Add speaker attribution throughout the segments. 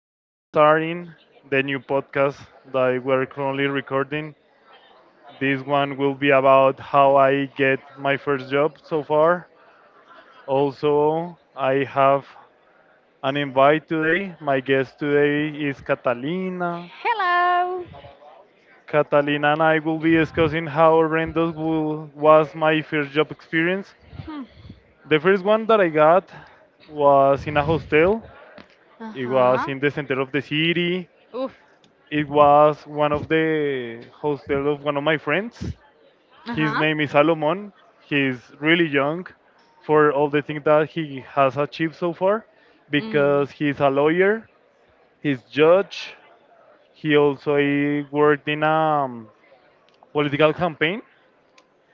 Speaker 1: we will be starting the new podcast that we're currently recording. This one will be about how I get my first job so far. Also, I have an invite today. My guest today is Catalina.
Speaker 2: Hello.
Speaker 1: Catalina and I will be discussing how horrendous was my first job experience.
Speaker 2: Hmm.
Speaker 1: The first one that I got was in a hostel. It was
Speaker 2: Uh-huh.
Speaker 1: in the center of the city.
Speaker 2: Oof.
Speaker 1: It was one of the hostel of one of my friends. His
Speaker 2: Uh-huh.
Speaker 1: name is Salomon. He's really young for all the things that he has achieved so far
Speaker 2: Mm.
Speaker 1: because he's a lawyer, he's judge. He also worked in a um, political campaign.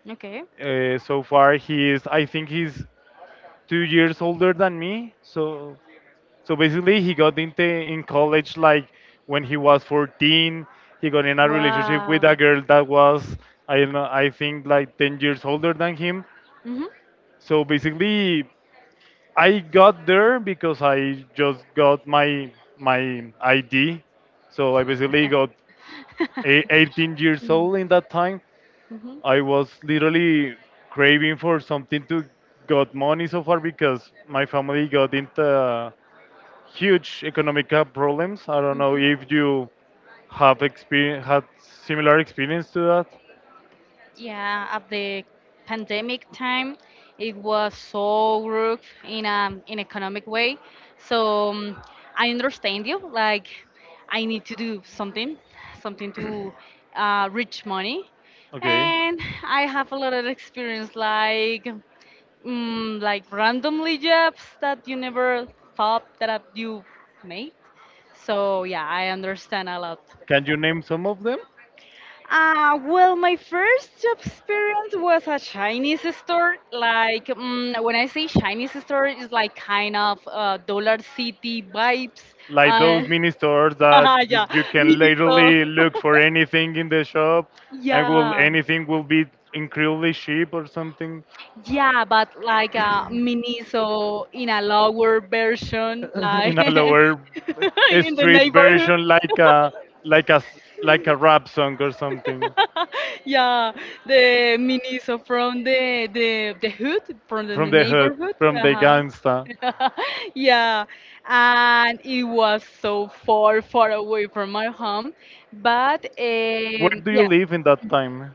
Speaker 2: Okay.
Speaker 1: So far, he is, I think he's 2 years older than me. So basically, he got into in college like when he was 14. He got in a relationship with a
Speaker 2: Wow.
Speaker 1: girl that was I don't know, I think like 10 years older than him.
Speaker 2: Mhm.
Speaker 1: So basically, I got there because I just got my ID. So I basically got 18 years
Speaker 2: Mm.
Speaker 1: old in that time.
Speaker 2: Mhm.
Speaker 1: I was literally craving for something to got money so far because my family got into huge economic problems. I don't know
Speaker 2: Mhm.
Speaker 1: if you have experience, had similar experience to that.
Speaker 2: Yeah, at the pandemic time, it was so rough in economic way. So I understand you. Like, I need to do something to reach money,
Speaker 1: Okay,
Speaker 2: and I have a lot of experience. Like. Like randomly jobs that you never thought that you made. So yeah, I understand a lot.
Speaker 1: can you name some of them?
Speaker 2: Well, my first job experience was a Chinese store. Like when I say Chinese store, it's like kind of Dollar City vibes.
Speaker 1: Like
Speaker 2: Uh,
Speaker 1: those mini stores that
Speaker 2: yeah,
Speaker 1: you can
Speaker 2: Miniso.
Speaker 1: literally look for anything in the shop, and will
Speaker 2: Yeah.
Speaker 1: anything will be incredibly cheap or something
Speaker 2: Yeah, but like a miniso in a lower version,
Speaker 1: in
Speaker 2: like
Speaker 1: a lower
Speaker 2: in the
Speaker 1: street
Speaker 2: neighborhood.
Speaker 1: version, like a rap song or something
Speaker 2: yeah, the miniso from the hood, from the
Speaker 1: from the hood,
Speaker 2: neighborhood.
Speaker 1: from the
Speaker 2: Uh-huh.
Speaker 1: gangsta.
Speaker 2: yeah, and it was so far, far away from my home. But
Speaker 1: Where
Speaker 2: um,
Speaker 1: do you
Speaker 2: yeah,
Speaker 1: live in that time?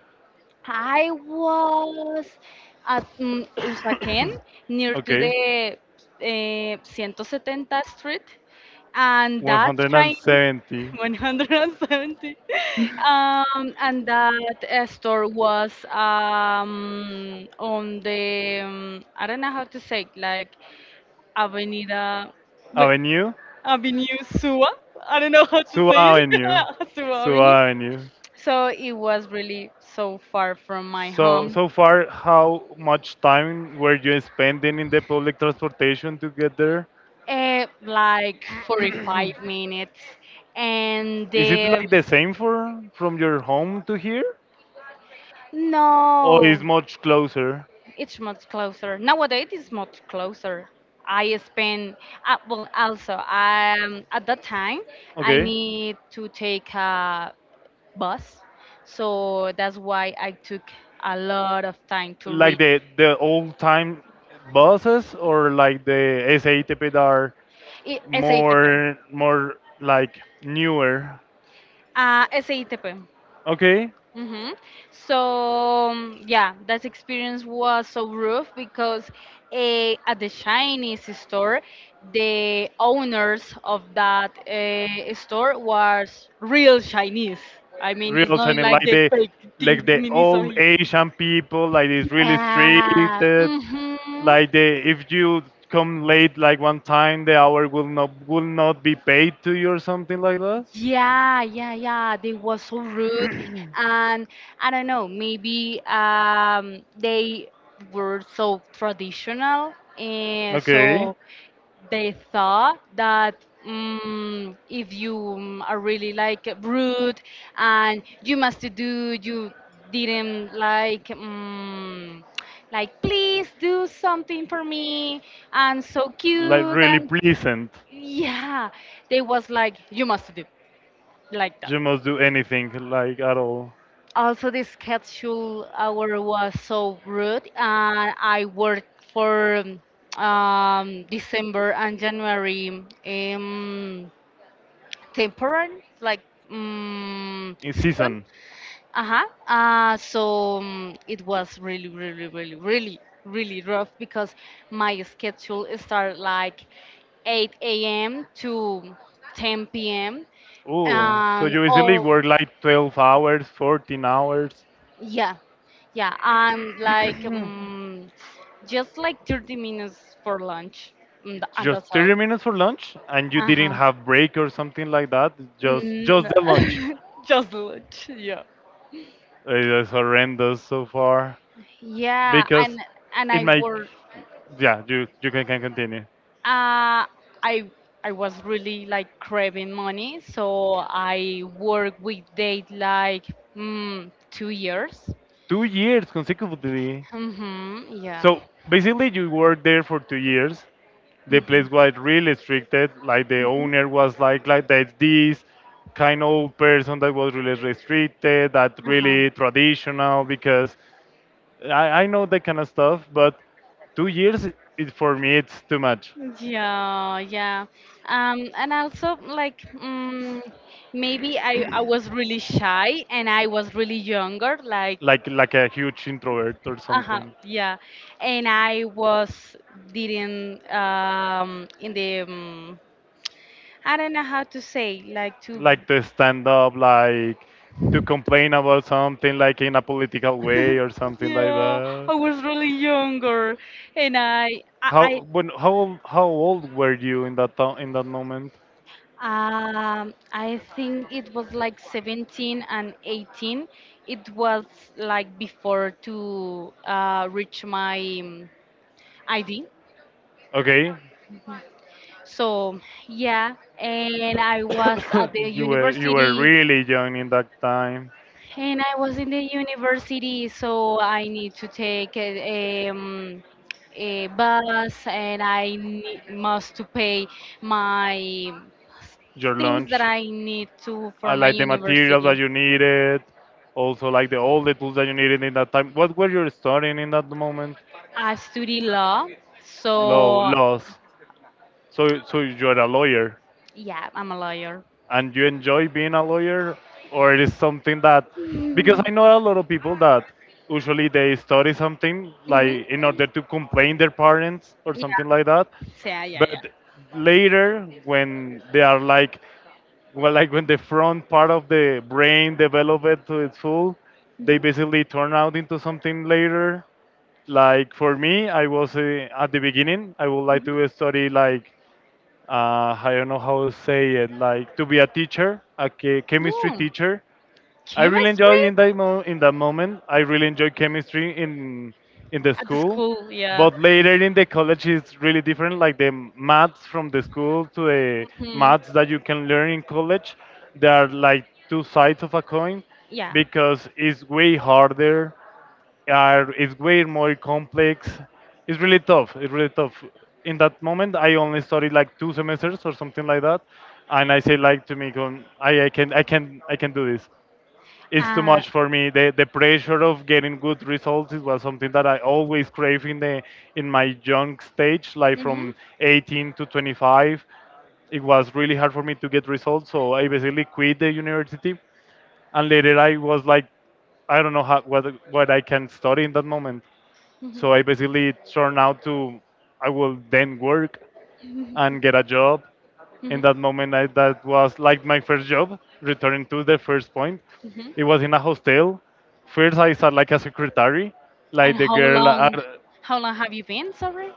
Speaker 2: I was at Usaquén near to
Speaker 1: Okay.
Speaker 2: the 170 Street, and that train
Speaker 1: 170
Speaker 2: 170, and that store was on the I don't know how to say it, like Avenida wait,
Speaker 1: Avenue,
Speaker 2: Avenue Sua. I don't know how to
Speaker 1: Suba
Speaker 2: say it.
Speaker 1: Avenue,
Speaker 2: Sua
Speaker 1: Suba
Speaker 2: Avenue.
Speaker 1: Avenue.
Speaker 2: So it was really so far from my
Speaker 1: So,
Speaker 2: home.
Speaker 1: so far, how much time were you spending in the public transportation to get there?
Speaker 2: Like 45 minutes and
Speaker 1: Is it like the same for from your home to here, or is
Speaker 2: no,
Speaker 1: much closer?
Speaker 2: it's much closer nowadays. It's much closer. I spend Well, also at that time I
Speaker 1: Okay,
Speaker 2: need to take a bus, so that's why I took a lot of time to
Speaker 1: like
Speaker 2: reach.
Speaker 1: the old time buses or like the SATP that are
Speaker 2: SATP.
Speaker 1: more like newer.
Speaker 2: SATP.
Speaker 1: Okay,
Speaker 2: Mm-hmm. So yeah, that experience was so rough because at the Chinese store, the owners of that store was real Chinese. I mean, it's
Speaker 1: real
Speaker 2: not
Speaker 1: Chinese,
Speaker 2: like
Speaker 1: like
Speaker 2: the
Speaker 1: the
Speaker 2: fake
Speaker 1: like
Speaker 2: thing
Speaker 1: the
Speaker 2: Miniso
Speaker 1: old
Speaker 2: here.
Speaker 1: Asian people, like it's really strict.
Speaker 2: Yeah. Mm-hmm.
Speaker 1: Like the if you come late, like one time, the hour will not be paid to you or something like that.
Speaker 2: Yeah, yeah, yeah. They was so rude, and I don't know. Maybe they were so traditional, and
Speaker 1: Okay,
Speaker 2: so they thought that if you are really like rude, and you must do, you didn't like. Like please do something for me and so
Speaker 1: like
Speaker 2: cute
Speaker 1: really
Speaker 2: and
Speaker 1: pleasant.
Speaker 2: yeah they was like you must do like that.
Speaker 1: You must do anything like at all
Speaker 2: Also, the schedule hour was so rude, and I worked for December and January temporary, like
Speaker 1: in
Speaker 2: season.
Speaker 1: season.
Speaker 2: Uh-huh. So it was really, really, really, really, really rough because my schedule started like 8 a.m. to 10 p.m.
Speaker 1: Oh, so
Speaker 2: and
Speaker 1: you easily
Speaker 2: all.
Speaker 1: work like 12 hours, 14 hours.
Speaker 2: Yeah, yeah, and like just like 30 minutes for lunch, and
Speaker 1: Just
Speaker 2: that's all.
Speaker 1: 30 minutes for lunch and you
Speaker 2: Uh
Speaker 1: didn't
Speaker 2: huh.
Speaker 1: have break or something like that, just
Speaker 2: Mm,
Speaker 1: the lunch.
Speaker 2: just lunch. Yeah.
Speaker 1: It is horrendous so far
Speaker 2: Yeah, and
Speaker 1: because
Speaker 2: and I
Speaker 1: in my,
Speaker 2: work.
Speaker 1: yeah, you can continue
Speaker 2: Uh, I I was really like craving money, so I worked with date like 2 years.
Speaker 1: 2 years consecutively.
Speaker 2: Mm-hmm. Yeah.
Speaker 1: So basically you worked there for 2 years. The place was really restricted, like the owner was like that, this kind of person that was really restricted, that
Speaker 2: Uh-huh.
Speaker 1: really traditional, because I know that kind of stuff, but 2 years, it, for me it's too much.
Speaker 2: Yeah, yeah. And also like maybe I was really shy and I was really younger, like.
Speaker 1: Like a huge introvert or
Speaker 2: Uh-huh,
Speaker 1: something,
Speaker 2: yeah. And I was didn't in the I don't know how to say, like to.
Speaker 1: like to stand up, like to complain about something, like in a political way or something like
Speaker 2: Yeah,
Speaker 1: that.
Speaker 2: I was really younger and I, I
Speaker 1: How when how old were you in in that moment?
Speaker 2: I think it was like 17 and 18. It was like before to reach my ID.
Speaker 1: Okay,
Speaker 2: So yeah, and I was at the
Speaker 1: you were
Speaker 2: university,
Speaker 1: really young in that time.
Speaker 2: and I was in the university, so I need to take a bus, and I need, must to pay my
Speaker 1: Your
Speaker 2: things that
Speaker 1: lunch,
Speaker 2: I need to
Speaker 1: I
Speaker 2: for my
Speaker 1: like the materials that
Speaker 2: university.
Speaker 1: you needed, also like the all the tools that you needed in that time. What were you studying in that moment?
Speaker 2: I study law,
Speaker 1: Law,
Speaker 2: so
Speaker 1: laws. So, you're a lawyer.
Speaker 2: yeah, I'm a lawyer.
Speaker 1: And you enjoy being a lawyer, or it is something that, because I know a lot of people that usually they study something
Speaker 2: Hmm.
Speaker 1: like in order to complain their parents or
Speaker 2: Yeah,
Speaker 1: something like that,
Speaker 2: yeah, yeah,
Speaker 1: but
Speaker 2: yeah.
Speaker 1: later when they are like, well, like when the front part of the brain develop it to its full, they basically turn out into something later. Like for me, I was at the beginning I would like
Speaker 2: Mhm.
Speaker 1: to study like I don't know how to say it, like to be a teacher, a chemistry
Speaker 2: No,
Speaker 1: teacher. I really
Speaker 2: chemistry
Speaker 1: enjoy in in that moment. I really enjoy chemistry in the
Speaker 2: at the
Speaker 1: school,
Speaker 2: school, yeah.
Speaker 1: but later in the college it's really different. Like the maths from the school to the
Speaker 2: Hmm.
Speaker 1: maths that you can learn in college, they are like two sides of a coin
Speaker 2: Yeah.
Speaker 1: because it's way harder, are is way more complex. It's really tough. It's really tough. In that moment, I only studied like two semesters or something like that, and I say like to me, "I can do this. It's too
Speaker 2: Uh,
Speaker 1: much for me." The pressure of getting good results, is was something that I always crave in the in my young stage, like
Speaker 2: hmm.
Speaker 1: from 18 to 25. It was really hard for me to get results, so I basically quit the university, and later I was like, I don't know how, what I can study in that moment.
Speaker 2: Hmm.
Speaker 1: So I basically turned out to, I will then work and get a job.
Speaker 2: Hmm.
Speaker 1: In that moment, I, that was like my first job. Returning to the first point, it
Speaker 2: Hmm.
Speaker 1: was in a hostel. First, I started like a secretary,
Speaker 2: And
Speaker 1: like the
Speaker 2: how
Speaker 1: girl.
Speaker 2: long? How long have you been? Sorry.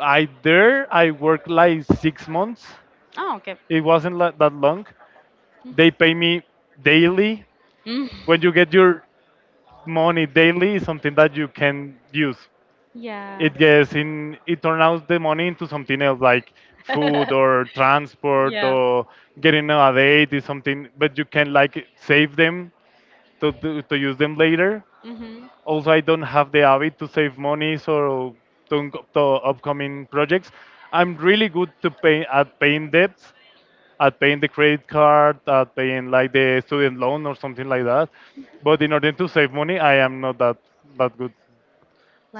Speaker 1: I there I worked like 6 months.
Speaker 2: Oh, okay.
Speaker 1: It wasn't like that long.
Speaker 2: Hmm.
Speaker 1: They pay me daily.
Speaker 2: Mm.
Speaker 1: When you get your money daily, is something that you can use,
Speaker 2: Yeah.
Speaker 1: it gets in, it turns out the money into something else like food or transport,
Speaker 2: yeah.
Speaker 1: or getting a date is something, but you can like save them to use them later.
Speaker 2: Hmm.
Speaker 1: Also I don't have the habit to save money, so to upcoming projects, I'm really good to pay, at paying debts, at paying the credit card, at paying like the student loan or something like that, but in order to save money, I am not that good,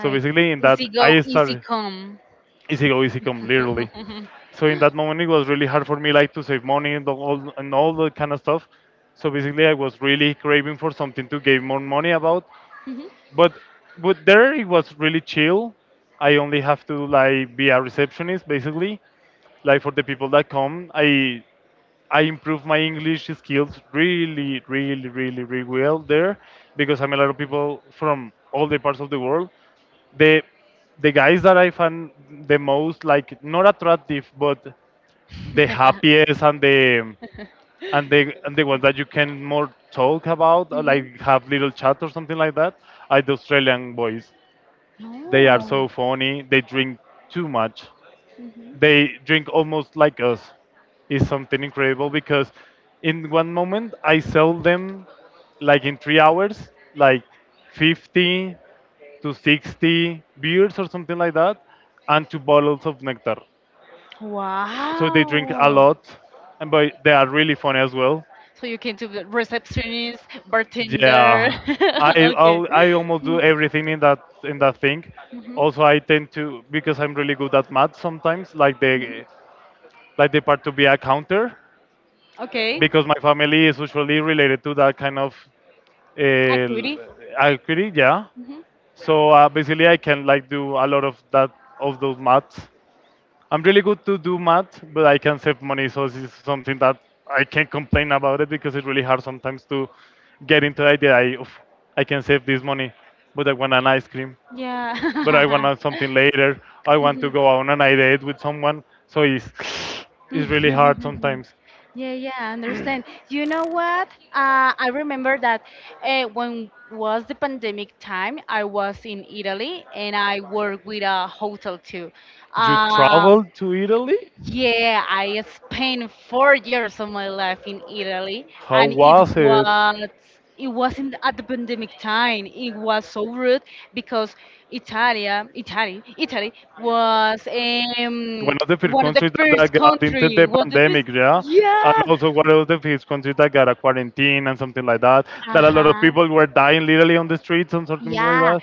Speaker 1: so basically in that
Speaker 2: easy go,
Speaker 1: I
Speaker 2: easy
Speaker 1: started
Speaker 2: come.
Speaker 1: easy go, easy come, literally. So in that moment, it was really hard for me, like to save money and all that kind of stuff. So basically, I was really craving for something to give more money about.
Speaker 2: Mhm.
Speaker 1: But but there, it was really chill. I only have to like be a receptionist, basically. Like for the people that come, I improved my English skills really, really, really, really well there because I'm a lot of people from all the parts of the world. The the guys that I find the most, like not attractive but the happiest, and the ones that you can more talk about, or
Speaker 2: Mhm.
Speaker 1: like have little chat or something like that, are the Australian boys. They are
Speaker 2: Oh.
Speaker 1: so funny. They drink too much,
Speaker 2: Mhm.
Speaker 1: they drink almost like us, is something incredible because in one moment I sell them like in 3 hours like 50 to 60 beers or something like that, and two bottles of nectar. So they drink a
Speaker 2: Wow.
Speaker 1: lot, and but they are really funny as well.
Speaker 2: So you can do the receptionist, bartender.
Speaker 1: Yeah, I
Speaker 2: okay.
Speaker 1: I'll, I almost do
Speaker 2: Mm.
Speaker 1: everything in that thing.
Speaker 2: Mhm.
Speaker 1: Also I tend to because I'm really good at math sometimes, like
Speaker 2: Mhm.
Speaker 1: the, like the part to be a counter,
Speaker 2: Okay.
Speaker 1: because my family is usually related to that kind of uh,
Speaker 2: Activity.
Speaker 1: equity, yeah.
Speaker 2: Mhm.
Speaker 1: So basically, I can like do a lot of those maths. I'm really good to do math, but I can save money, so this is something that I can't complain about it because it's really hard sometimes to get into the idea. I, oof, I can save this money, but I want an ice cream, but I
Speaker 2: Yeah.
Speaker 1: want something later. I want to
Speaker 2: Mhm.
Speaker 1: go on an date with someone, so it's it's really hard sometimes.
Speaker 2: Yeah, yeah, I understand. You know what? I remember that when was the pandemic time, I was in Italy and I worked with a hotel too.
Speaker 1: You
Speaker 2: Um,
Speaker 1: traveled to Italy?
Speaker 2: yeah, I spent 4 years of my life in Italy,
Speaker 1: How
Speaker 2: and it
Speaker 1: was it?
Speaker 2: was it wasn't at the pandemic time. It was so rude because Italy was
Speaker 1: One of the first
Speaker 2: one of the
Speaker 1: countries that,
Speaker 2: first
Speaker 1: that got into
Speaker 2: country.
Speaker 1: the
Speaker 2: Was the
Speaker 1: pandemic,
Speaker 2: first,
Speaker 1: yeah? And
Speaker 2: yeah,
Speaker 1: also one of the first countries that got a quarantine and something like that.
Speaker 2: uh
Speaker 1: That a lot of
Speaker 2: huh,
Speaker 1: people were dying literally on the streets and something like
Speaker 2: yeah.
Speaker 1: that.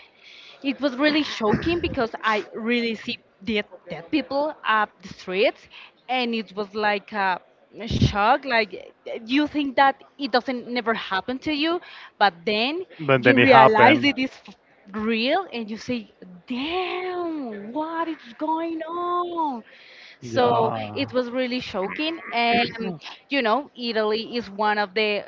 Speaker 2: It was really shocking because I really see dead, dead people up the streets, and it was like a shock. Like you think that it doesn't never happen to you, but then
Speaker 1: But then
Speaker 2: you
Speaker 1: it
Speaker 2: realize
Speaker 1: happened.
Speaker 2: it is real, and you say, "Damn, what is going on?" So
Speaker 1: Yeah.
Speaker 2: it was really shocking. And, you know, Italy is one of the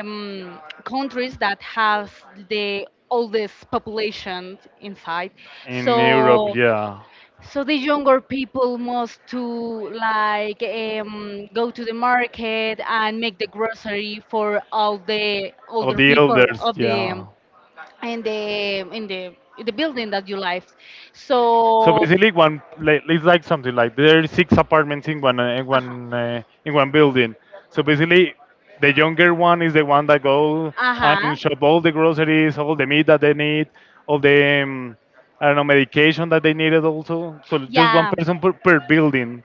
Speaker 2: countries that has the oldest population inside. So
Speaker 1: Yeah.
Speaker 2: so the younger people must to like go to the market and make the grocery for all the older people of the building that you live.
Speaker 1: So
Speaker 2: So,
Speaker 1: basically, one, like, it's like something like there are six apartments in one
Speaker 2: uh-huh,
Speaker 1: uh, in one building. So basically, the younger one is the one that go
Speaker 2: uh-huh,
Speaker 1: and shop all the groceries, all the meat that they need, all the um, I don't know medication that they needed also. So just one
Speaker 2: yeah.
Speaker 1: person per building.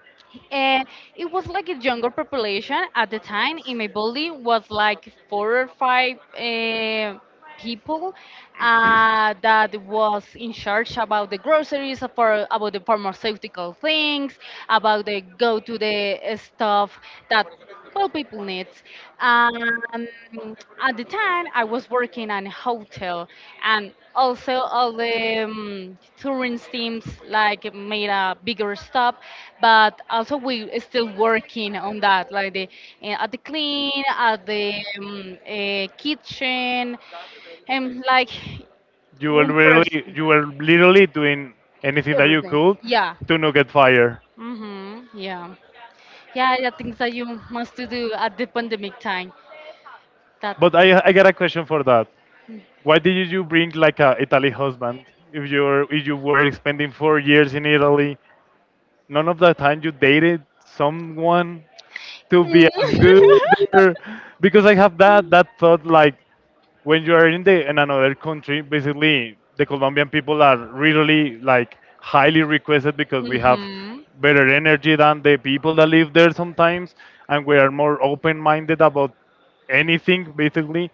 Speaker 2: And it was like a younger population at the time in my building was like four or five people that was in charge about the groceries for about the pharmaceutical things about the go to the stuff that well people needs. um, at the time I was working in a hotel, and also all the tourist teams like made a bigger stop, but also we still working on that, like the at the clean at the kitchen and like
Speaker 1: You were
Speaker 2: one
Speaker 1: really
Speaker 2: person.
Speaker 1: you were literally doing anything that you
Speaker 2: Everything,
Speaker 1: could
Speaker 2: yeah.
Speaker 1: to not get fired.
Speaker 2: Mm-hmm, yeah, yeah, yeah. Things that you must to do at the pandemic time that.
Speaker 1: But I got a question for that. Why did you bring like a Italy husband? If you were spending 4 years in Italy, none of the time you dated someone to be
Speaker 2: Mm.
Speaker 1: as good. Or, because I have that thought like when you are in another country, basically the Colombian people are really like highly requested because we have
Speaker 2: Hmm.
Speaker 1: better energy than the people that live there sometimes, and we are more open-minded about anything basically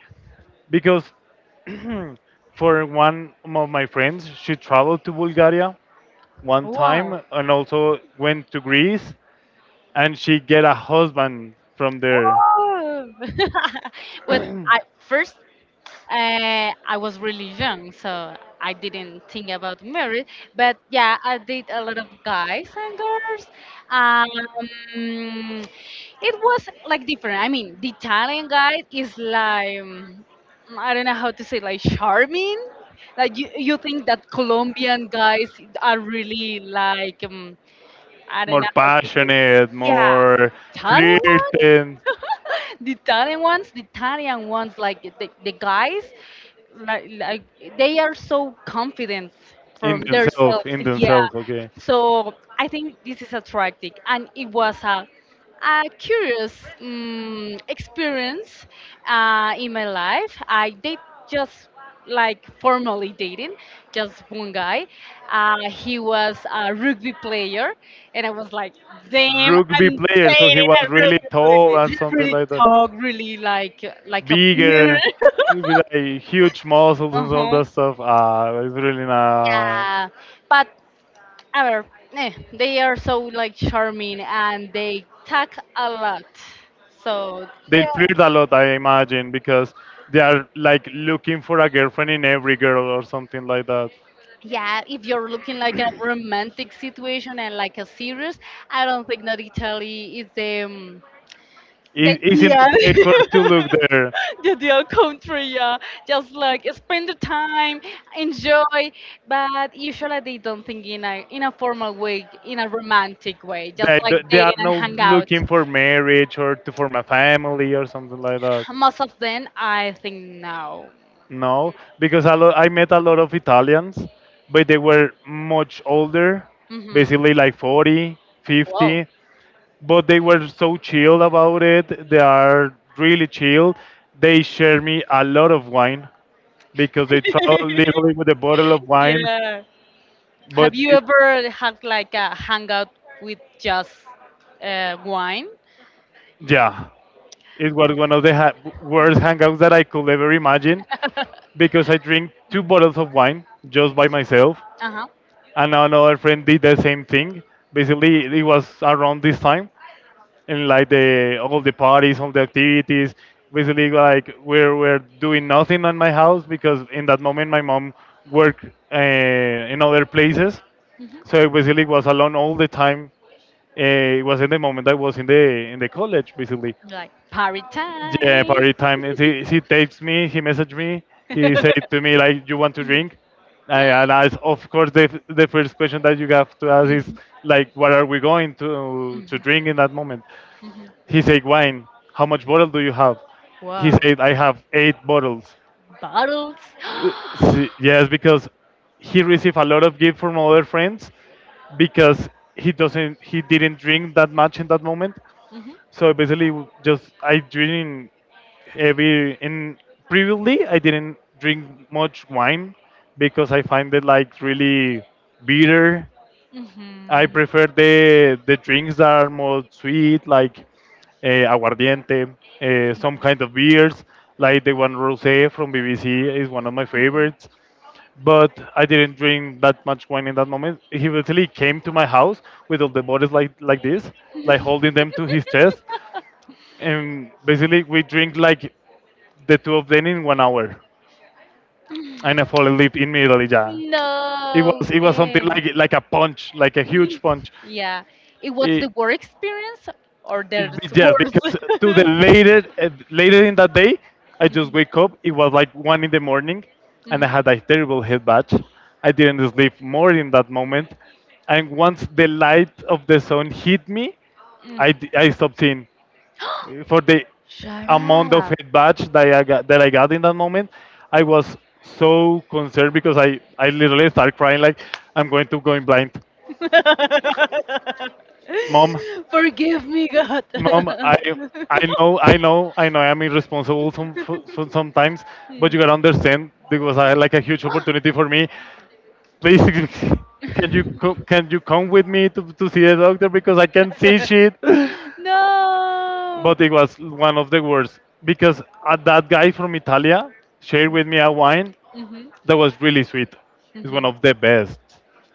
Speaker 1: because for one of my friends, she traveled to Bulgaria one
Speaker 2: Wow.
Speaker 1: time and also went to Greece, and she get a husband from there,
Speaker 2: Oh. well, I first I was really young, so I didn't think about marriage. But yeah, I did a lot of guys and girls. Um, it was like different. I mean, the Italian guy is like I don't know how to say like charming. Like you think that Colombian guys are really like. I don't
Speaker 1: more
Speaker 2: know how to say.
Speaker 1: passionate,
Speaker 2: Yeah,
Speaker 1: more
Speaker 2: Italian ones.
Speaker 1: flirting
Speaker 2: the Italian ones, like the guys, like they are so confident
Speaker 1: in
Speaker 2: from
Speaker 1: themselves,
Speaker 2: themselves.
Speaker 1: in
Speaker 2: Yeah,
Speaker 1: themselves. Okay.
Speaker 2: so I think this is attractive, and it was a curious experience in my life. I did just like formally dating, just one guy. He was a rugby player, and I was like, damn,
Speaker 1: Rugby
Speaker 2: I'm
Speaker 1: player, so he
Speaker 2: dating
Speaker 1: was
Speaker 2: a
Speaker 1: really
Speaker 2: rugby
Speaker 1: tall
Speaker 2: player.
Speaker 1: and
Speaker 2: He
Speaker 1: something
Speaker 2: really
Speaker 1: like that.
Speaker 2: talk, really like a beer.
Speaker 1: Bigger, with like huge muscles and all
Speaker 2: Uh-huh.
Speaker 1: that stuff. Ah, it's really nice.
Speaker 2: Yeah, but however, they are so like charming and they talk a lot. So
Speaker 1: They
Speaker 2: yeah.
Speaker 1: flirt a lot, I imagine, because they are like looking for a girlfriend in every girl or something like that.
Speaker 2: Yeah, if you're looking like a romantic situation and like a serious, I don't think that Italy is the
Speaker 1: Is in the
Speaker 2: ideal.
Speaker 1: place where to look there.
Speaker 2: the ideal country. Yeah, just like spend the time, enjoy. But usually they don't think in a formal way, in a romantic way, just like
Speaker 1: They
Speaker 2: dating
Speaker 1: are
Speaker 2: and
Speaker 1: not
Speaker 2: hang out.
Speaker 1: looking for marriage or to form a family or something like that.
Speaker 2: Most of them, I think no.
Speaker 1: No, because a lot, I met a lot of Italians, but they were much older,
Speaker 2: Mm-hmm.
Speaker 1: basically like 40,
Speaker 2: Wow.
Speaker 1: 50. But they were so chilled about it. They are really chilled. They shared me a lot of wine because they travel literally with a bottle of wine.
Speaker 2: yeah. Have
Speaker 1: But
Speaker 2: you
Speaker 1: it,
Speaker 2: ever had like a hangout with just wine?
Speaker 1: yeah, it was one of the worst hangouts that I could ever imagine
Speaker 2: uh
Speaker 1: because I drink two bottles of wine just by myself,
Speaker 2: huh.
Speaker 1: and another friend did the same thing. Basically, it was around this time and like the all the parties, all the activities. Basically, like we're doing nothing at my house because in that moment my mom worked uh, in other places,
Speaker 2: Hmm.
Speaker 1: so I basically was alone all the time. It was in the moment I was in the college, basically.
Speaker 2: Like party
Speaker 1: Yeah,
Speaker 2: time.
Speaker 1: party time. And he texts me, he messaged me, he said to me like, "You want to drink?" And as of course, the the first question that you have to ask is
Speaker 2: Mhm,
Speaker 1: like, "What are we going to
Speaker 2: mhm,
Speaker 1: drink in that moment?"
Speaker 2: mhm.
Speaker 1: He said, wine, how much bottle do you have? He
Speaker 2: Wow.
Speaker 1: said, I have eight bottles.
Speaker 2: Bottles.
Speaker 1: See, yes, because he received a lot of gift from other friends because he didn't drink that much in that moment.
Speaker 2: Mhm,
Speaker 1: So basically, just I drink every in previously I didn't drink much wine because I find it like really bitter. I
Speaker 2: mhm.
Speaker 1: prefer the drinks that are more sweet, like aguardiente, some kind of beers, like the one rosé from BBC is one of my favorites. But I didn't drink that much wine in that moment. He literally came to my house with all the bottles like this, like holding them to his chest, and basically we drink like the two of them in 1 hour, and I fall asleep immediately. Yeah,
Speaker 2: no,
Speaker 1: it was something
Speaker 2: then.
Speaker 1: like a punch, like a huge punch.
Speaker 2: yeah. It was
Speaker 1: It,
Speaker 2: the work experience or there's
Speaker 1: Yes,
Speaker 2: worse?
Speaker 1: because to the later later in that day, I just
Speaker 2: Mhm,
Speaker 1: wake up. It was like 1 in the morning, and I
Speaker 2: mhm.
Speaker 1: had a terrible head batch. I didn't sleep more in that moment, and once the light of the sun hit me,
Speaker 2: Mm.
Speaker 1: I stopped seeing. For the
Speaker 2: Shut
Speaker 1: amount of
Speaker 2: up.
Speaker 1: head batch that I got in that moment, I was so concerned because I literally started crying like I'm going to go in blind, mom.
Speaker 2: Forgive me, God.
Speaker 1: Mom, I know I'm irresponsible sometimes, but you gotta understand this was a, like a huge opportunity for me. Please, can you come with me to see a doctor because I can't see shit.
Speaker 2: no.
Speaker 1: But it was one of the worst because that guy from Italia shared with me a wine
Speaker 2: Mhm.
Speaker 1: that was really sweet. It's one
Speaker 2: Mhm.
Speaker 1: of the best.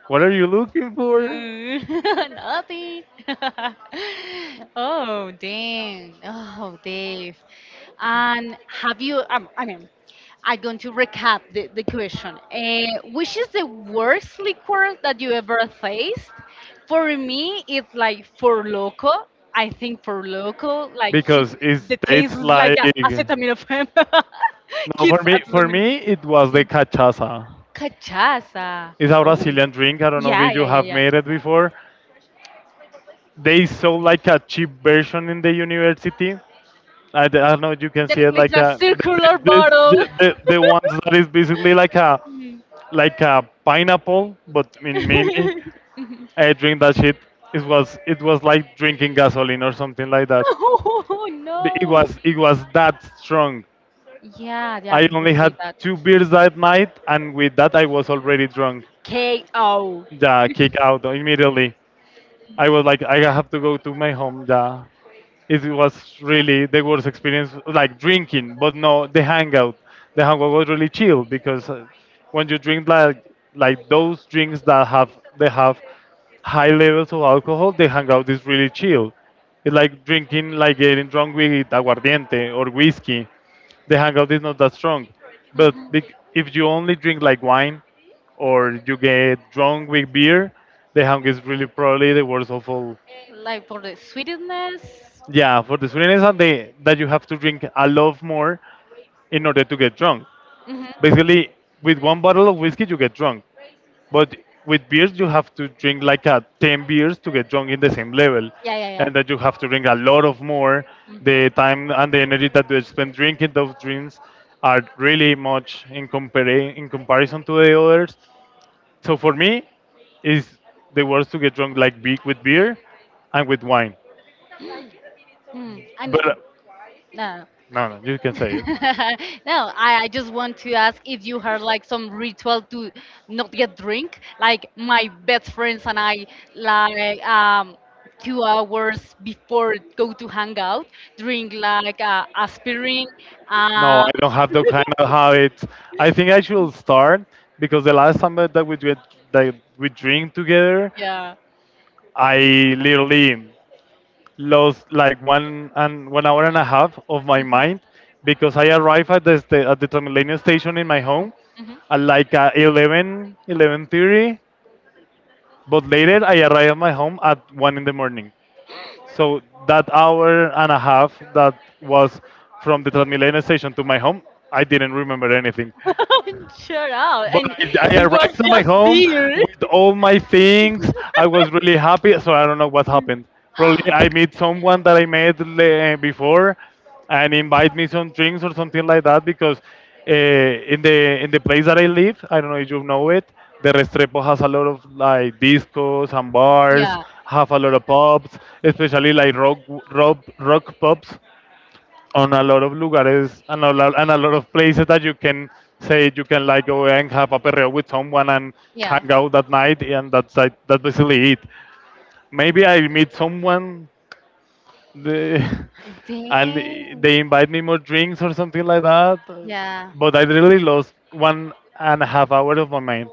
Speaker 1: What are you looking for?
Speaker 2: Mm, nothing. Oh, dang. Oh, Dave. And have you, I mean, I'm going to recap the question. Which is the worst liquor that you ever faced? For me, it's like for loco. I think for loco,
Speaker 1: Because it
Speaker 2: the
Speaker 1: the
Speaker 2: taste
Speaker 1: tastes
Speaker 2: is like
Speaker 1: like.
Speaker 2: acetaminophen.
Speaker 1: No, for
Speaker 2: Kids
Speaker 1: me for
Speaker 2: acetaminophen.
Speaker 1: me it was the
Speaker 2: Mm.
Speaker 1: cachaça.
Speaker 2: Cachaça.
Speaker 1: It's a
Speaker 2: Oh.
Speaker 1: Brazilian drink. I don't know
Speaker 2: Yeah,
Speaker 1: if
Speaker 2: yeah,
Speaker 1: you
Speaker 2: yeah,
Speaker 1: have
Speaker 2: yeah.
Speaker 1: made it before. They sold like a cheap version in the university. I don't know. You can see
Speaker 2: That
Speaker 1: it
Speaker 2: looks
Speaker 1: like
Speaker 2: a
Speaker 1: a
Speaker 2: circular bottle.
Speaker 1: the, ones that is basically
Speaker 2: Mm.
Speaker 1: like a pineapple, but in mini. I drink that shit. It was like drinking gasoline or something like that.
Speaker 2: oh no.
Speaker 1: It was that strong.
Speaker 2: Yeah, yeah,
Speaker 1: I
Speaker 2: people
Speaker 1: only
Speaker 2: say
Speaker 1: had
Speaker 2: that.
Speaker 1: two beers that night, and with that I was already drunk.
Speaker 2: KO.
Speaker 1: Yeah, kick out immediately. I was like, I have to go to my home. Yeah. It was really the worst experience, like drinking, but no, the hangout. The hangout was really chill because when you drink like those drinks that have they have high levels of alcohol, the hangout is really chill. It's like drinking, like getting drunk with aguardiente or whiskey. The hangout is not that strong, but if you only drink like wine or you get drunk with beer, the hang is really probably the worst of all.
Speaker 2: Like for the sweetness.
Speaker 1: Yeah, for the sweetness and the that you have to drink a lot more in order to get drunk.
Speaker 2: Hmm.
Speaker 1: Basically, with one bottle of whiskey you get drunk, but with beers you have to drink like a 10 beers to get drunk in the same level,
Speaker 2: Yeah, yeah,
Speaker 1: and that you have to drink a lot of more.
Speaker 2: yeah.
Speaker 1: The time and the energy that you spend drinking those drinks
Speaker 2: Mm.
Speaker 1: are really much in comparison to the others, so for me, is the worst to get drunk like big with beer and with wine.
Speaker 2: Mm, I
Speaker 1: But
Speaker 2: mean, no.
Speaker 1: no, no, you can say it.
Speaker 2: no, I just want to ask if you had like some ritual to not get drink. Like my best friends and I, like 2 hours before go to hang out, drink like aspirin. Uh,
Speaker 1: No, I don't have the kind of habits. I think I should start because the last time that we did, that we drink together,
Speaker 2: yeah.
Speaker 1: I literally lost like one hour and a half of my mind because I arrived at the at the Transmilenio station in my home
Speaker 2: Mm-hmm.
Speaker 1: at like 11:30. But later I arrived at my home at 1 in the morning. So that hour and a half that was from the Transmilenio station to my home, I didn't remember anything.
Speaker 2: Shut up.
Speaker 1: But
Speaker 2: And
Speaker 1: I
Speaker 2: it was
Speaker 1: arrived at my
Speaker 2: just
Speaker 1: home
Speaker 2: beer.
Speaker 1: with all my things. I was really happy, so I don't know what happened. Probably I met someone that I met before, and invite me some drinks or something like that because in the place that I live, I don't know if you know it. The Restrepo has a lot of like discos and bars,
Speaker 2: Yeah,
Speaker 1: have a lot of pubs, especially like rock pubs on a lot of lugares and and a lot of places that you can say you can like go and have a perreo with someone and
Speaker 2: yeah.
Speaker 1: hang out that night and that's like, that's basically it. Maybe I meet someone the, and
Speaker 2: Damn.
Speaker 1: they invite me more drinks or something like that.
Speaker 2: Yeah.
Speaker 1: But I really lost 1.5 hour of my mind.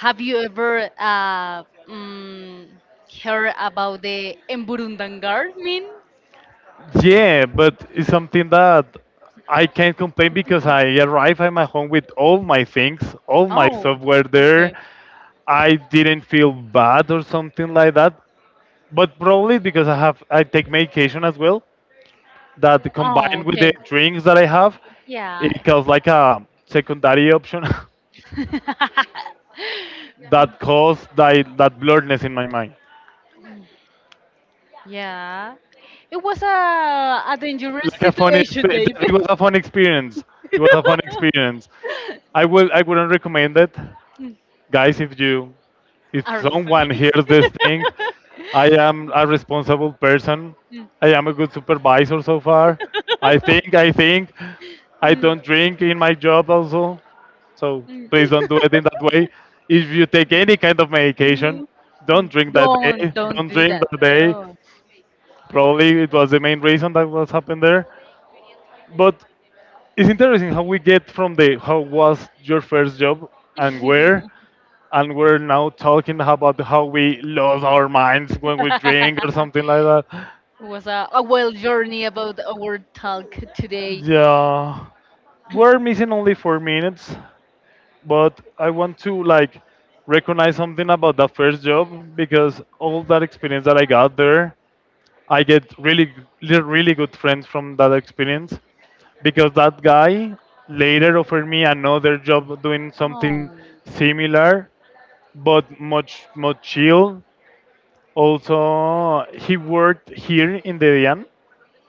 Speaker 2: Have you ever mm, heard about the Emburundangar meme?
Speaker 1: Yeah, but it's something that I can't complain because I arrive at my home with all my things, all my
Speaker 2: Oh,
Speaker 1: software there,
Speaker 2: okay.
Speaker 1: I didn't feel bad or something like that. But probably because I take medication as well that
Speaker 2: Oh,
Speaker 1: combined with the
Speaker 2: okay.
Speaker 1: drinks that I have,
Speaker 2: Yeah.
Speaker 1: it caused like a secondary option. That caused that blurredness in my mind.
Speaker 2: Yeah. It was a dangerous
Speaker 1: Like a funny,
Speaker 2: situation, Dave.
Speaker 1: it was a fun experience. It was a fun experience. I wouldn't recommend it,
Speaker 2: Mm.
Speaker 1: guys, if
Speaker 2: Our little
Speaker 1: someone
Speaker 2: family.
Speaker 1: hears this thing. I am a responsible person. I am a good supervisor so far, I think. I
Speaker 2: Mm, mm,
Speaker 1: don't drink in my job also, so
Speaker 2: mm,
Speaker 1: please don't do it in that way. If you take any kind of
Speaker 2: mm,
Speaker 1: medication,
Speaker 2: mm.
Speaker 1: don't drink that
Speaker 2: Don't
Speaker 1: day,
Speaker 2: don't
Speaker 1: don't
Speaker 2: do
Speaker 1: drink
Speaker 2: that.
Speaker 1: that day.
Speaker 2: No.
Speaker 1: Probably it was the main reason that was happened there, but it's interesting how we get from the how was your first job and
Speaker 2: it
Speaker 1: where and we're now talking about how we lose our minds when we drink or something like that.
Speaker 2: was a wild journey about our talk today.
Speaker 1: Yeah, we're missing only 4 minutes, but I want to like recognize something about that first job because all that experience that I got there, I get really, really good friends from that experience because that guy later offered me another job doing something
Speaker 2: Oh.
Speaker 1: similar but much much chill. Also, he worked here in the DIAN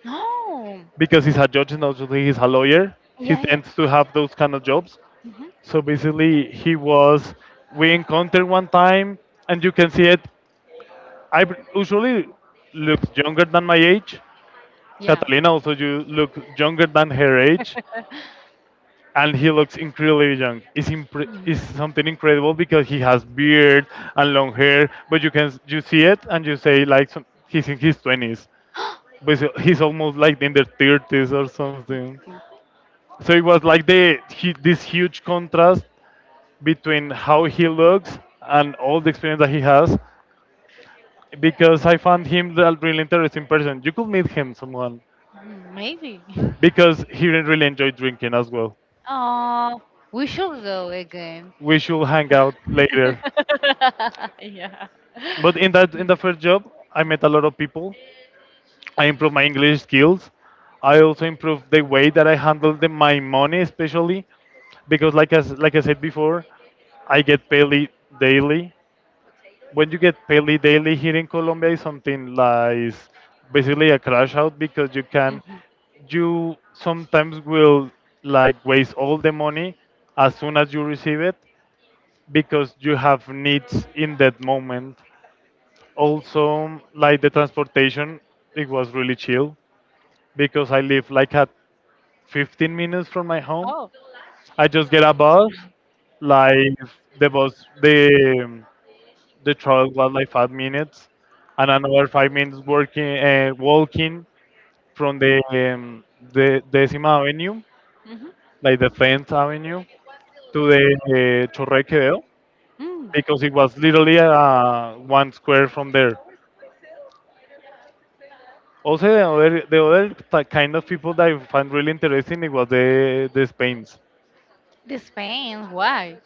Speaker 2: No.
Speaker 1: because he's a judge and obviously he's a lawyer. He
Speaker 2: Yeah, yeah.
Speaker 1: tends to have those kind of jobs.
Speaker 2: Hmm.
Speaker 1: So basically, we encountered one time, and you can see it.
Speaker 2: Yeah.
Speaker 1: I usually look younger than my age. Catalina also you look younger than her age, and he looks incredibly young.
Speaker 2: Yeah.
Speaker 1: It's something incredible because he has beard and long hair, but you see it and you say like some, he's in his 20s. But he's almost like in their thirties or something.
Speaker 2: Okay.
Speaker 1: So it was like this huge contrast between how he looks and all the experience that he has, because I found him a really interesting person. You could meet him, someone,
Speaker 2: Mm, maybe.
Speaker 1: because he didn't really enjoyed drinking as well.
Speaker 2: Uh, we should go again.
Speaker 1: We should hang out later.
Speaker 2: Yeah.
Speaker 1: But in the first job, I met a lot of people. I improve my English skills. I also improve the way that I handle my money, especially because, like as like I said before, I get paid daily. When you get paid daily here in Colombia, is something like basically a crash out because you
Speaker 2: Mm,
Speaker 1: can,
Speaker 2: mhm.
Speaker 1: you sometimes will like waste all the money as soon as you receive it because you have needs in that moment. Also, like the transportation, it was really chill because I live like at 15 minutes from my home.
Speaker 2: Oh.
Speaker 1: I just get a bus. Like the bus, the travel was like 5 minutes, and another 5 minutes working walking from the Decima Avenue,
Speaker 2: Hmm.
Speaker 1: like the Fence Avenue, to the Chorre Quevedo,
Speaker 2: Mm.
Speaker 1: because it was literally one square from there. Also, the other kind of people that I find really interesting it was the Spains
Speaker 2: This pain, why?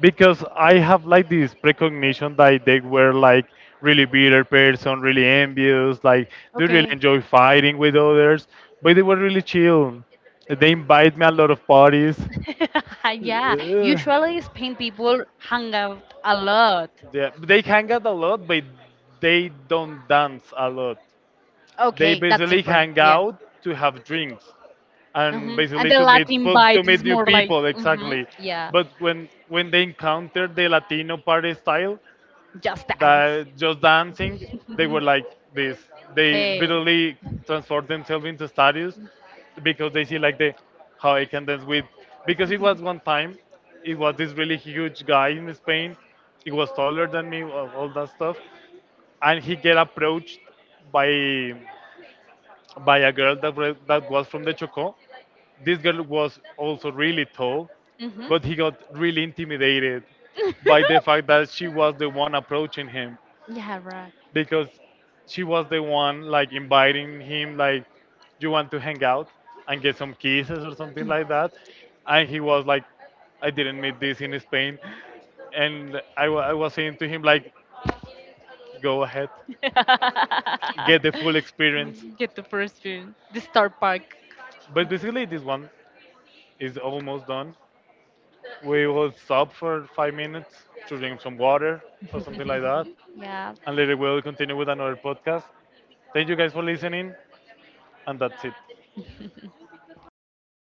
Speaker 1: because I have like this precognition that they were like really bitter person, really envious, like they really
Speaker 2: Okay.
Speaker 1: enjoy fighting with others, but they were really chill. They invite me a lot of parties.
Speaker 2: Yeah,
Speaker 1: Uh,
Speaker 2: usually Spain people hang out a lot.
Speaker 1: yeah, they hang out a lot, but they don't dance a lot. They
Speaker 2: Okay, that's
Speaker 1: basically
Speaker 2: different.
Speaker 1: hang
Speaker 2: Yeah.
Speaker 1: out to have drinks and
Speaker 2: Hmm. And
Speaker 1: basically
Speaker 2: the
Speaker 1: to
Speaker 2: Latin
Speaker 1: meet to
Speaker 2: vibe is
Speaker 1: meet new
Speaker 2: more like,
Speaker 1: people exactly.
Speaker 2: yeah,
Speaker 1: But when they encountered the Latino party style,
Speaker 2: just dance.
Speaker 1: that just dancing, they were like this. They
Speaker 2: hey.
Speaker 1: literally transformed themselves into statues because they see like the how I can dance with. Because it was one time, it was this really huge guy in Spain. He was taller than me, all that stuff, and he get approached by by a girl that was from the Chocó. This girl was also really tall,
Speaker 2: Mhm.
Speaker 1: but he got really intimidated
Speaker 2: Intimidating.
Speaker 1: by the fact that she was the one approaching him
Speaker 2: I was yeah,
Speaker 1: because she was the one like inviting him like you want to hang out and get some kisses or something like that and he was like I didn't meet this in Spain and I was saying to him like go ahead,
Speaker 2: right.
Speaker 1: get the full experience,
Speaker 2: get the full experience. Get the first spoon, the star park.
Speaker 1: but basically this one is almost done. We will stop for 5 minutes to drink some water or something like that.
Speaker 2: yeah.
Speaker 1: And later we'll continue with another podcast. Thank you guys for listening. And that's it.